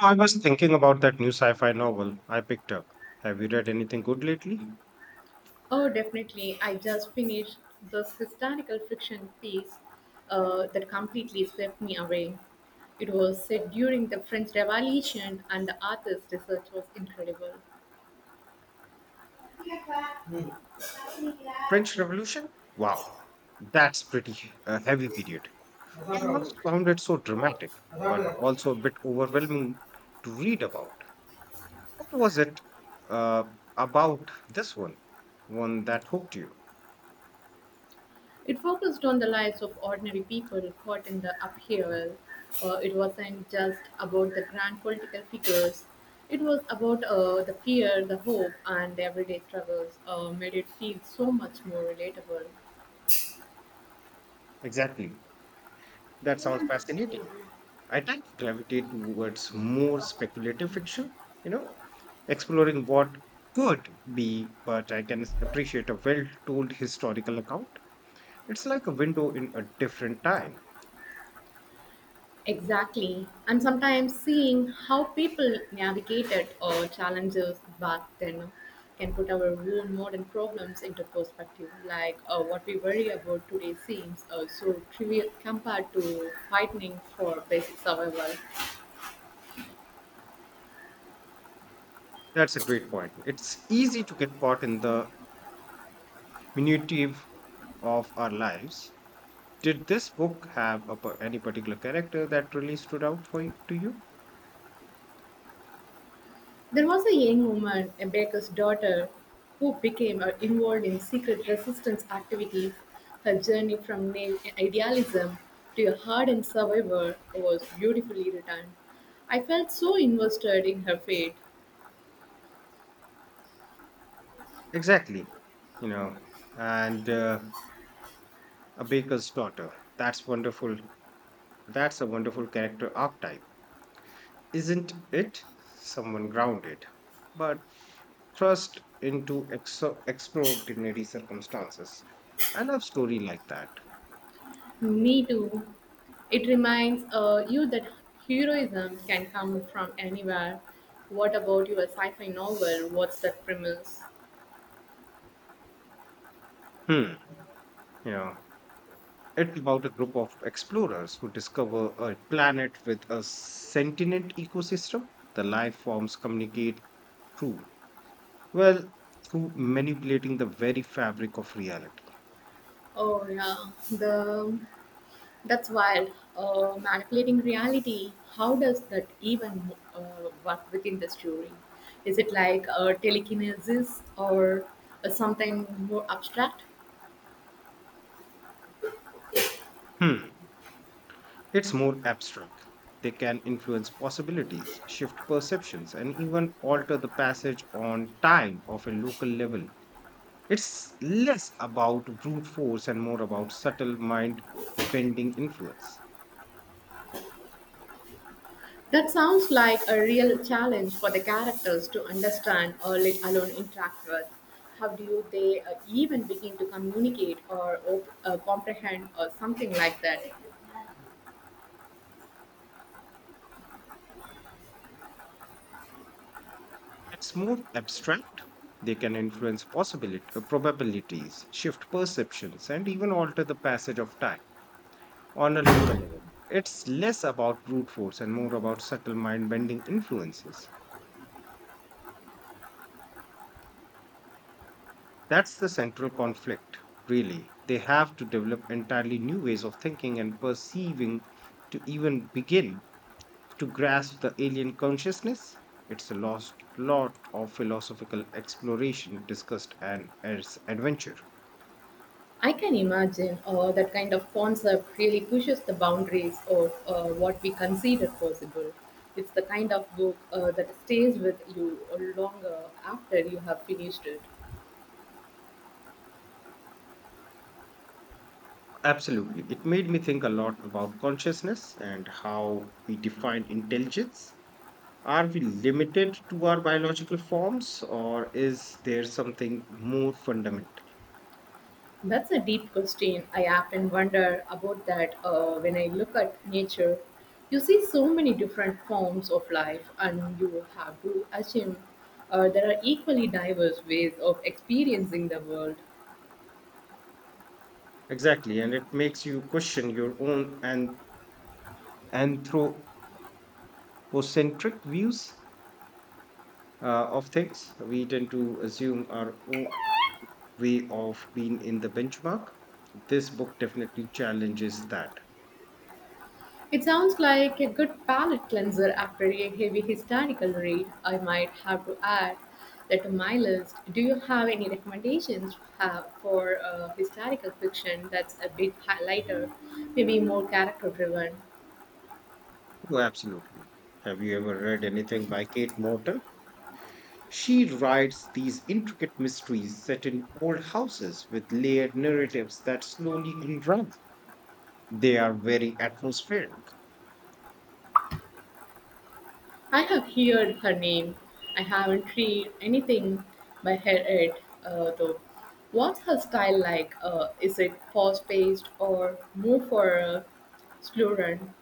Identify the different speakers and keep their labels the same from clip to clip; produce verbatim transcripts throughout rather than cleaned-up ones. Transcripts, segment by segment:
Speaker 1: I was thinking about that new sci fi novel I picked up. Have you read anything good lately?
Speaker 2: Oh, definitely. I just finished this historical fiction piece uh, that completely swept me away. It was set during the French Revolution, and the author's research was incredible.
Speaker 1: French Revolution? Wow, that's pretty uh, heavy period. I always found it so dramatic, but
Speaker 2: hmm.
Speaker 1: also a bit overwhelming to read about. What was it uh, about this one? One that hooked you?
Speaker 2: It focused on the lives of ordinary people caught in the upheaval. Uh, it wasn't just about the grand political figures. It was about, uh, the fear, the hope, and the everyday struggles. Uh, made it feel so much more relatable.
Speaker 1: Exactly. That sounds fascinating. I tend to gravitate towards more speculative fiction, you know, exploring what could be, but I can appreciate a well told historical account. It's like a window in a different time.
Speaker 2: Exactly. And sometimes seeing how people navigated, uh, challenges back then can put our own modern problems into perspective. Like, uh, what we worry about today seems, uh, so trivial compared to fighting for basic survival.
Speaker 1: That's a great point. It's easy to get caught in the minutive of our lives. Did this book have a, par- any particular character that really stood out for you, to you?
Speaker 2: There was a young woman, a baker's daughter, who became, uh, involved in secret resistance activities. Her journey from naive idealism to a hardened survivor was beautifully written. I felt so invested in her fate.
Speaker 1: Exactly. You know, and uh, A baker's daughter. That's wonderful. That's a wonderful character archetype, isn't it? Someone grounded, but thrust into exo- extraordinary circumstances. I love story like that.
Speaker 2: Me too. It reminds, uh, you that heroism can come from anywhere. What about your sci fi novel? What's that premise?
Speaker 1: Hmm. You know, it's about a group of explorers who discover a planet with a sentient ecosystem. The life forms communicate through, well, through manipulating the very fabric of reality.
Speaker 2: Oh, yeah. The That's wild. Uh, manipulating reality. How does that even, uh, work within the story? Is it like, uh, telekinesis or uh, something more abstract?
Speaker 1: Hmm. It's more abstract. They can influence possibilities, shift perceptions, and even alter the passage on time of a local level. It's less about brute force and more about subtle mind bending influence.
Speaker 2: That sounds like a real challenge for the characters to understand or let alone interact with. How do they, uh, even begin to communicate or op- uh, comprehend or something like that?
Speaker 1: It's more abstract. They can influence possibility, uh, probabilities, shift perceptions, and even alter the passage of time on a local level. It's less about brute force and more about subtle mind bending influences. That's the central conflict, really. They have to develop entirely new ways of thinking and perceiving to even begin to grasp the alien consciousness. It's a lost lot of philosophical exploration, discussed, and as adventure.
Speaker 2: I can imagine, uh, that kind of concept really pushes the boundaries of, uh, what we consider possible. It's the kind of book, uh, that stays with you longer after you have finished it.
Speaker 1: Absolutely. It made me think a lot about consciousness and how we define intelligence. Are we limited to our biological forms, or is there something more fundamental?
Speaker 2: That's a deep question. I often wonder about that, uh, when I look at nature. You see so many different forms of life, and you have to assume, uh, there are equally diverse ways of experiencing the world.
Speaker 1: Exactly, and it makes you question your own and anthropocentric views uh, of things. We tend to assume our own way of being in the benchmark. This book definitely challenges that.
Speaker 2: It sounds like a good palate cleanser after a heavy historical read. I might have to add that to my list. Do you have any recommendations have for, uh, historical fiction that's a bit hi- lighter, maybe more character driven?
Speaker 1: Oh, absolutely. Have you ever read anything by Kate Morton? She writes these intricate mysteries set in old houses with layered narratives that slowly unravel. They are very atmospheric.
Speaker 2: I have heard her name. I haven't read anything by her yet, uh, though. What's her style like? Uh, is it fast paced or more for a slow run?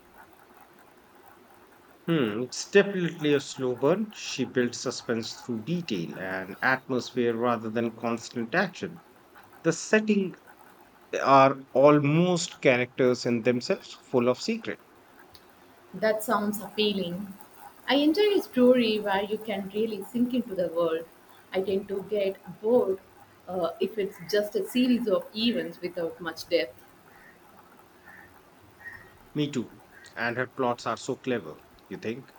Speaker 1: Hmm, it's definitely a slow burn. She builds suspense through detail and atmosphere rather than constant action. The setting are almost characters in themselves, full of secrets.
Speaker 2: That sounds appealing. I enjoy a story where you can really sink into the world. I tend to get bored, uh, if it's just a series of events without much depth.
Speaker 1: Me too. And her plots are so clever. You think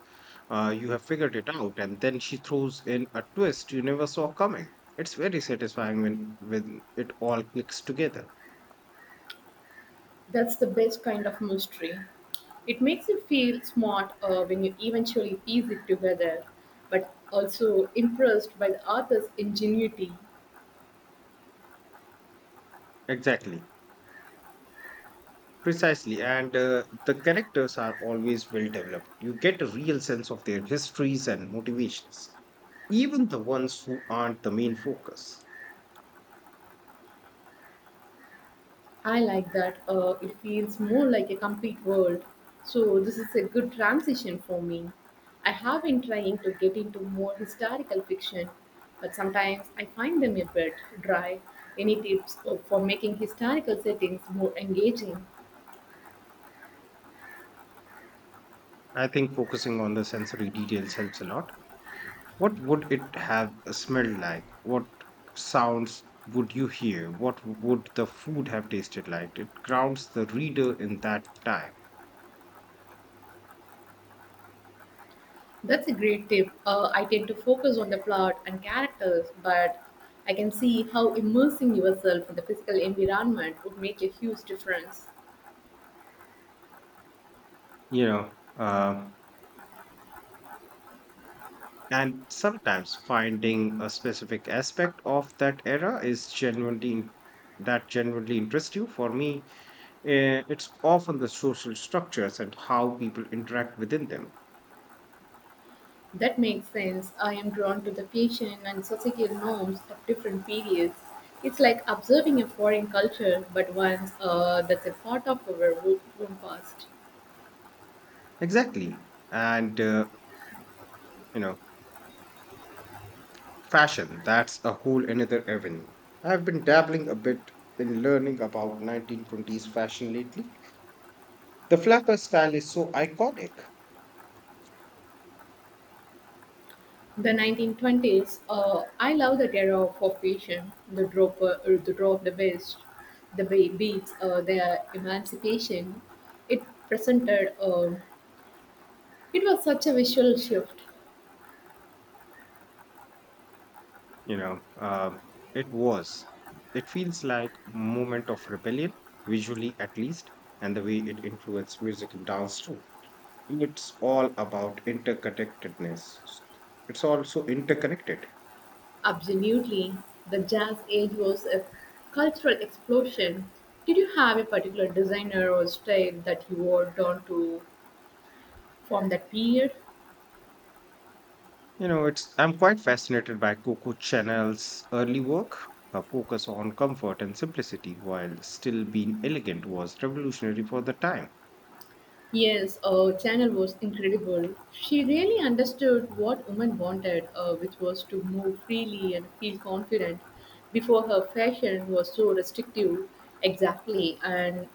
Speaker 1: uh, you have figured it out, and then she throws in a twist you never saw coming. It's very satisfying when, when it all clicks together.
Speaker 2: That's the best kind of mystery. It makes you feel smart, uh, when you eventually piece it together, but also impressed by the author's ingenuity.
Speaker 1: Exactly. Precisely. And uh, the characters are always well developed. You get a real sense of their histories and motivations, even the ones who aren't the main focus.
Speaker 2: I like that. Uh, it feels more like a complete world. So this is a good transition for me. I have been trying to get into more historical fiction, but sometimes I find them a bit dry. Any tips, uh, for making historical settings more engaging?
Speaker 1: I think focusing on the sensory details helps a lot. What would it have smelled like? What sounds would you hear? What would the food have tasted like? It grounds the reader in that time,
Speaker 2: That's a great tip. Uh, I tend to focus on the plot and characters, but I can see how immersing yourself in the physical environment would make a huge difference.
Speaker 1: you know. Uh, and sometimes finding a specific aspect of that era is genuinely that genuinely interests you. For me, eh, it's often the social structures and how people interact within them.
Speaker 2: That makes sense. I am drawn to the fashion and societal norms of different periods. It's like observing a foreign culture, but once, uh, that's a part of our wo- own past.
Speaker 1: Exactly, and uh, you know. Fashion, that's a whole another avenue. I've been dabbling a bit in learning about nineteen twenties fashion lately. The flapper style is so iconic.
Speaker 2: The nineteen twenties, uh, I love that era of of fashion, the drop, uh, the draw of the best, the be- beats, uh, the emancipation. It presented, uh, it was such a visual shift.
Speaker 1: You know, um, it was. It feels like moment of rebellion, visually at least, and the way it influenced music and dance too. It's all about interconnectedness. It's also interconnected.
Speaker 2: Absolutely. The Jazz Age was a cultural explosion. Did you have a particular designer or style that you wore down to from that period?
Speaker 1: You know, it's I'm quite fascinated by Coco Chanel's early work. Her focus on comfort and simplicity while still being elegant was revolutionary for the time.
Speaker 2: Yes, uh, Chanel was incredible. She really understood what women wanted, uh, which was to move freely and feel confident. Before her fashion was so restrictive, exactly. And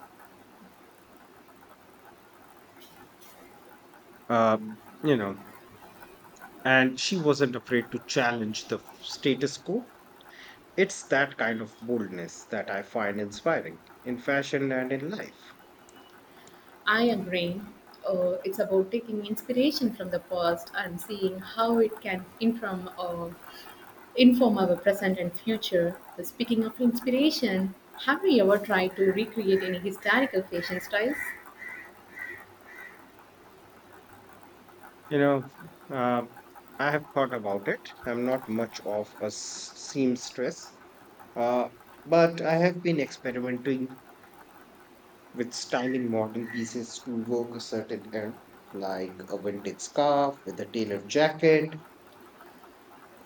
Speaker 1: Uh, you know, and she wasn't afraid to challenge the status quo. It's that kind of boldness that I find inspiring in fashion and in life.
Speaker 2: I agree. Uh, it's about taking inspiration from the past and seeing how it can inform, uh, inform our present and future. So, speaking of inspiration, have you ever tried to recreate any historical fashion styles?
Speaker 1: You know, uh, I have thought about it. I'm not much of a s- seamstress, uh, but I have been experimenting with styling modern pieces to evoke a certain era, like a vintage scarf with a tailored jacket.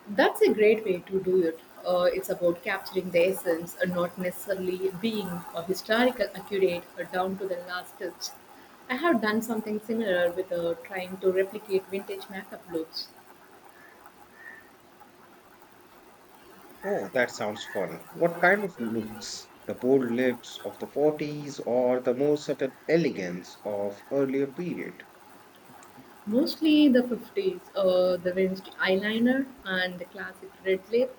Speaker 2: That's a great way to do it. Uh, it's about capturing the essence and not necessarily being a historical accurate or down to the last stitch. I have done something similar with, uh, trying to replicate vintage makeup looks,
Speaker 1: Oh, that sounds fun. What kind of looks? The bold lips of the forties or the more subtle elegance of earlier period?
Speaker 2: mostly the fifties, uh, the vintage eyeliner and the classic red lip.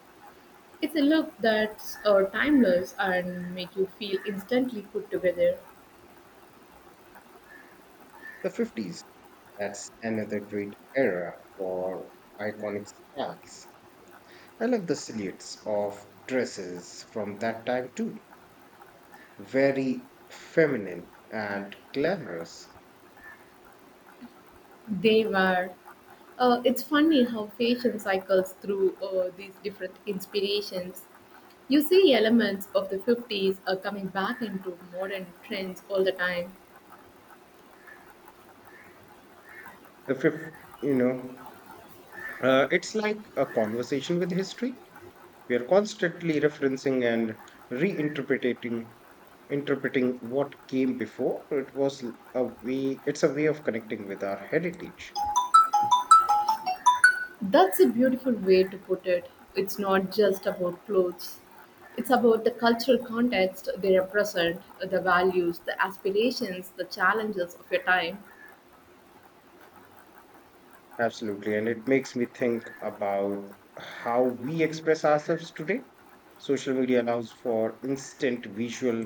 Speaker 2: It's a look that's, uh, timeless and make you feel instantly put together.
Speaker 1: The fifties. That's another great era for iconic styles. I like the silhouettes of dresses from that time too. Very feminine and glamorous.
Speaker 2: They were. Uh, it's funny how fashion cycles through, uh, these different inspirations. You see elements of the fifties are coming back into modern trends all the time.
Speaker 1: The fifth, you know, uh, it's like a conversation with history. We are constantly referencing and reinterpreting, interpreting what came before. It was a way. It's a way of connecting with our heritage.
Speaker 2: That's a beautiful way to put it. It's not just about clothes. It's about the cultural context they represent, the values, the aspirations, the challenges of your time.
Speaker 1: Absolutely. And it makes me think about how we express ourselves today. Social media allows for instant visual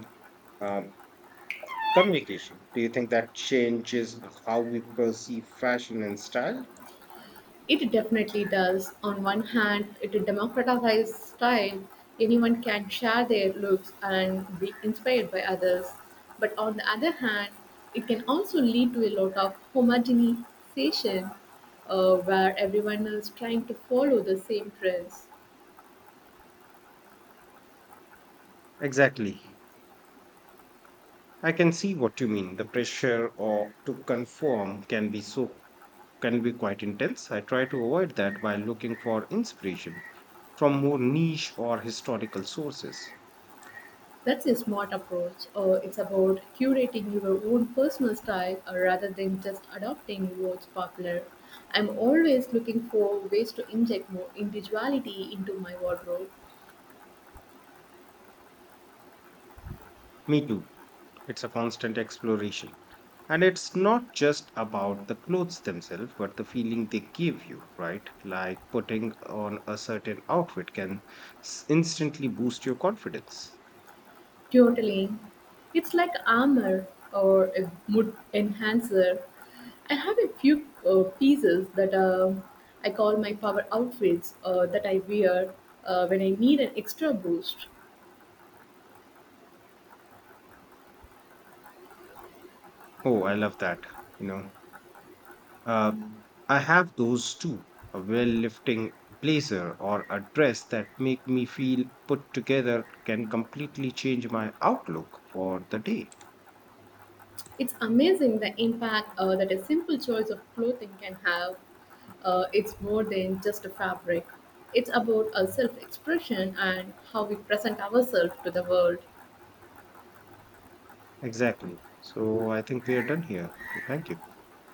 Speaker 1: um, communication. Do you think that changes how we perceive fashion and style?
Speaker 2: It definitely does. On one hand, it democratizes style. Anyone can share their looks and be inspired by others. But on the other hand, it can also lead to a lot of homogenization, uh, where everyone is trying to follow the same trends.
Speaker 1: Exactly. I can see what you mean. The pressure or to conform can be so can be quite intense. I try to avoid that by looking for inspiration from more niche or historical sources.
Speaker 2: That's a smart approach. Uh, it's about curating your own personal style, uh, rather than just adopting what's popular. I'm always looking for ways to inject more individuality into my wardrobe.
Speaker 1: Me too. It's a constant exploration. And it's not just about the clothes themselves, but the feeling they give you, right? Like putting on a certain outfit can s- instantly boost your confidence.
Speaker 2: Totally, it's like armor or a mood enhancer. I have a few uh, pieces that um I call my power outfits, uh, that I wear, uh, when I need an extra boost.
Speaker 1: Oh, I love that. You know, Um, I have those too. A well lifting blazer or a dress that make me feel put together can completely change my outlook for the day.
Speaker 2: It's amazing the impact, uh, that a simple choice of clothing can have. Uh, it's more than just a fabric, it's about a self expression and how we present ourselves to the world.
Speaker 1: Exactly. So I think we are done here. So thank you.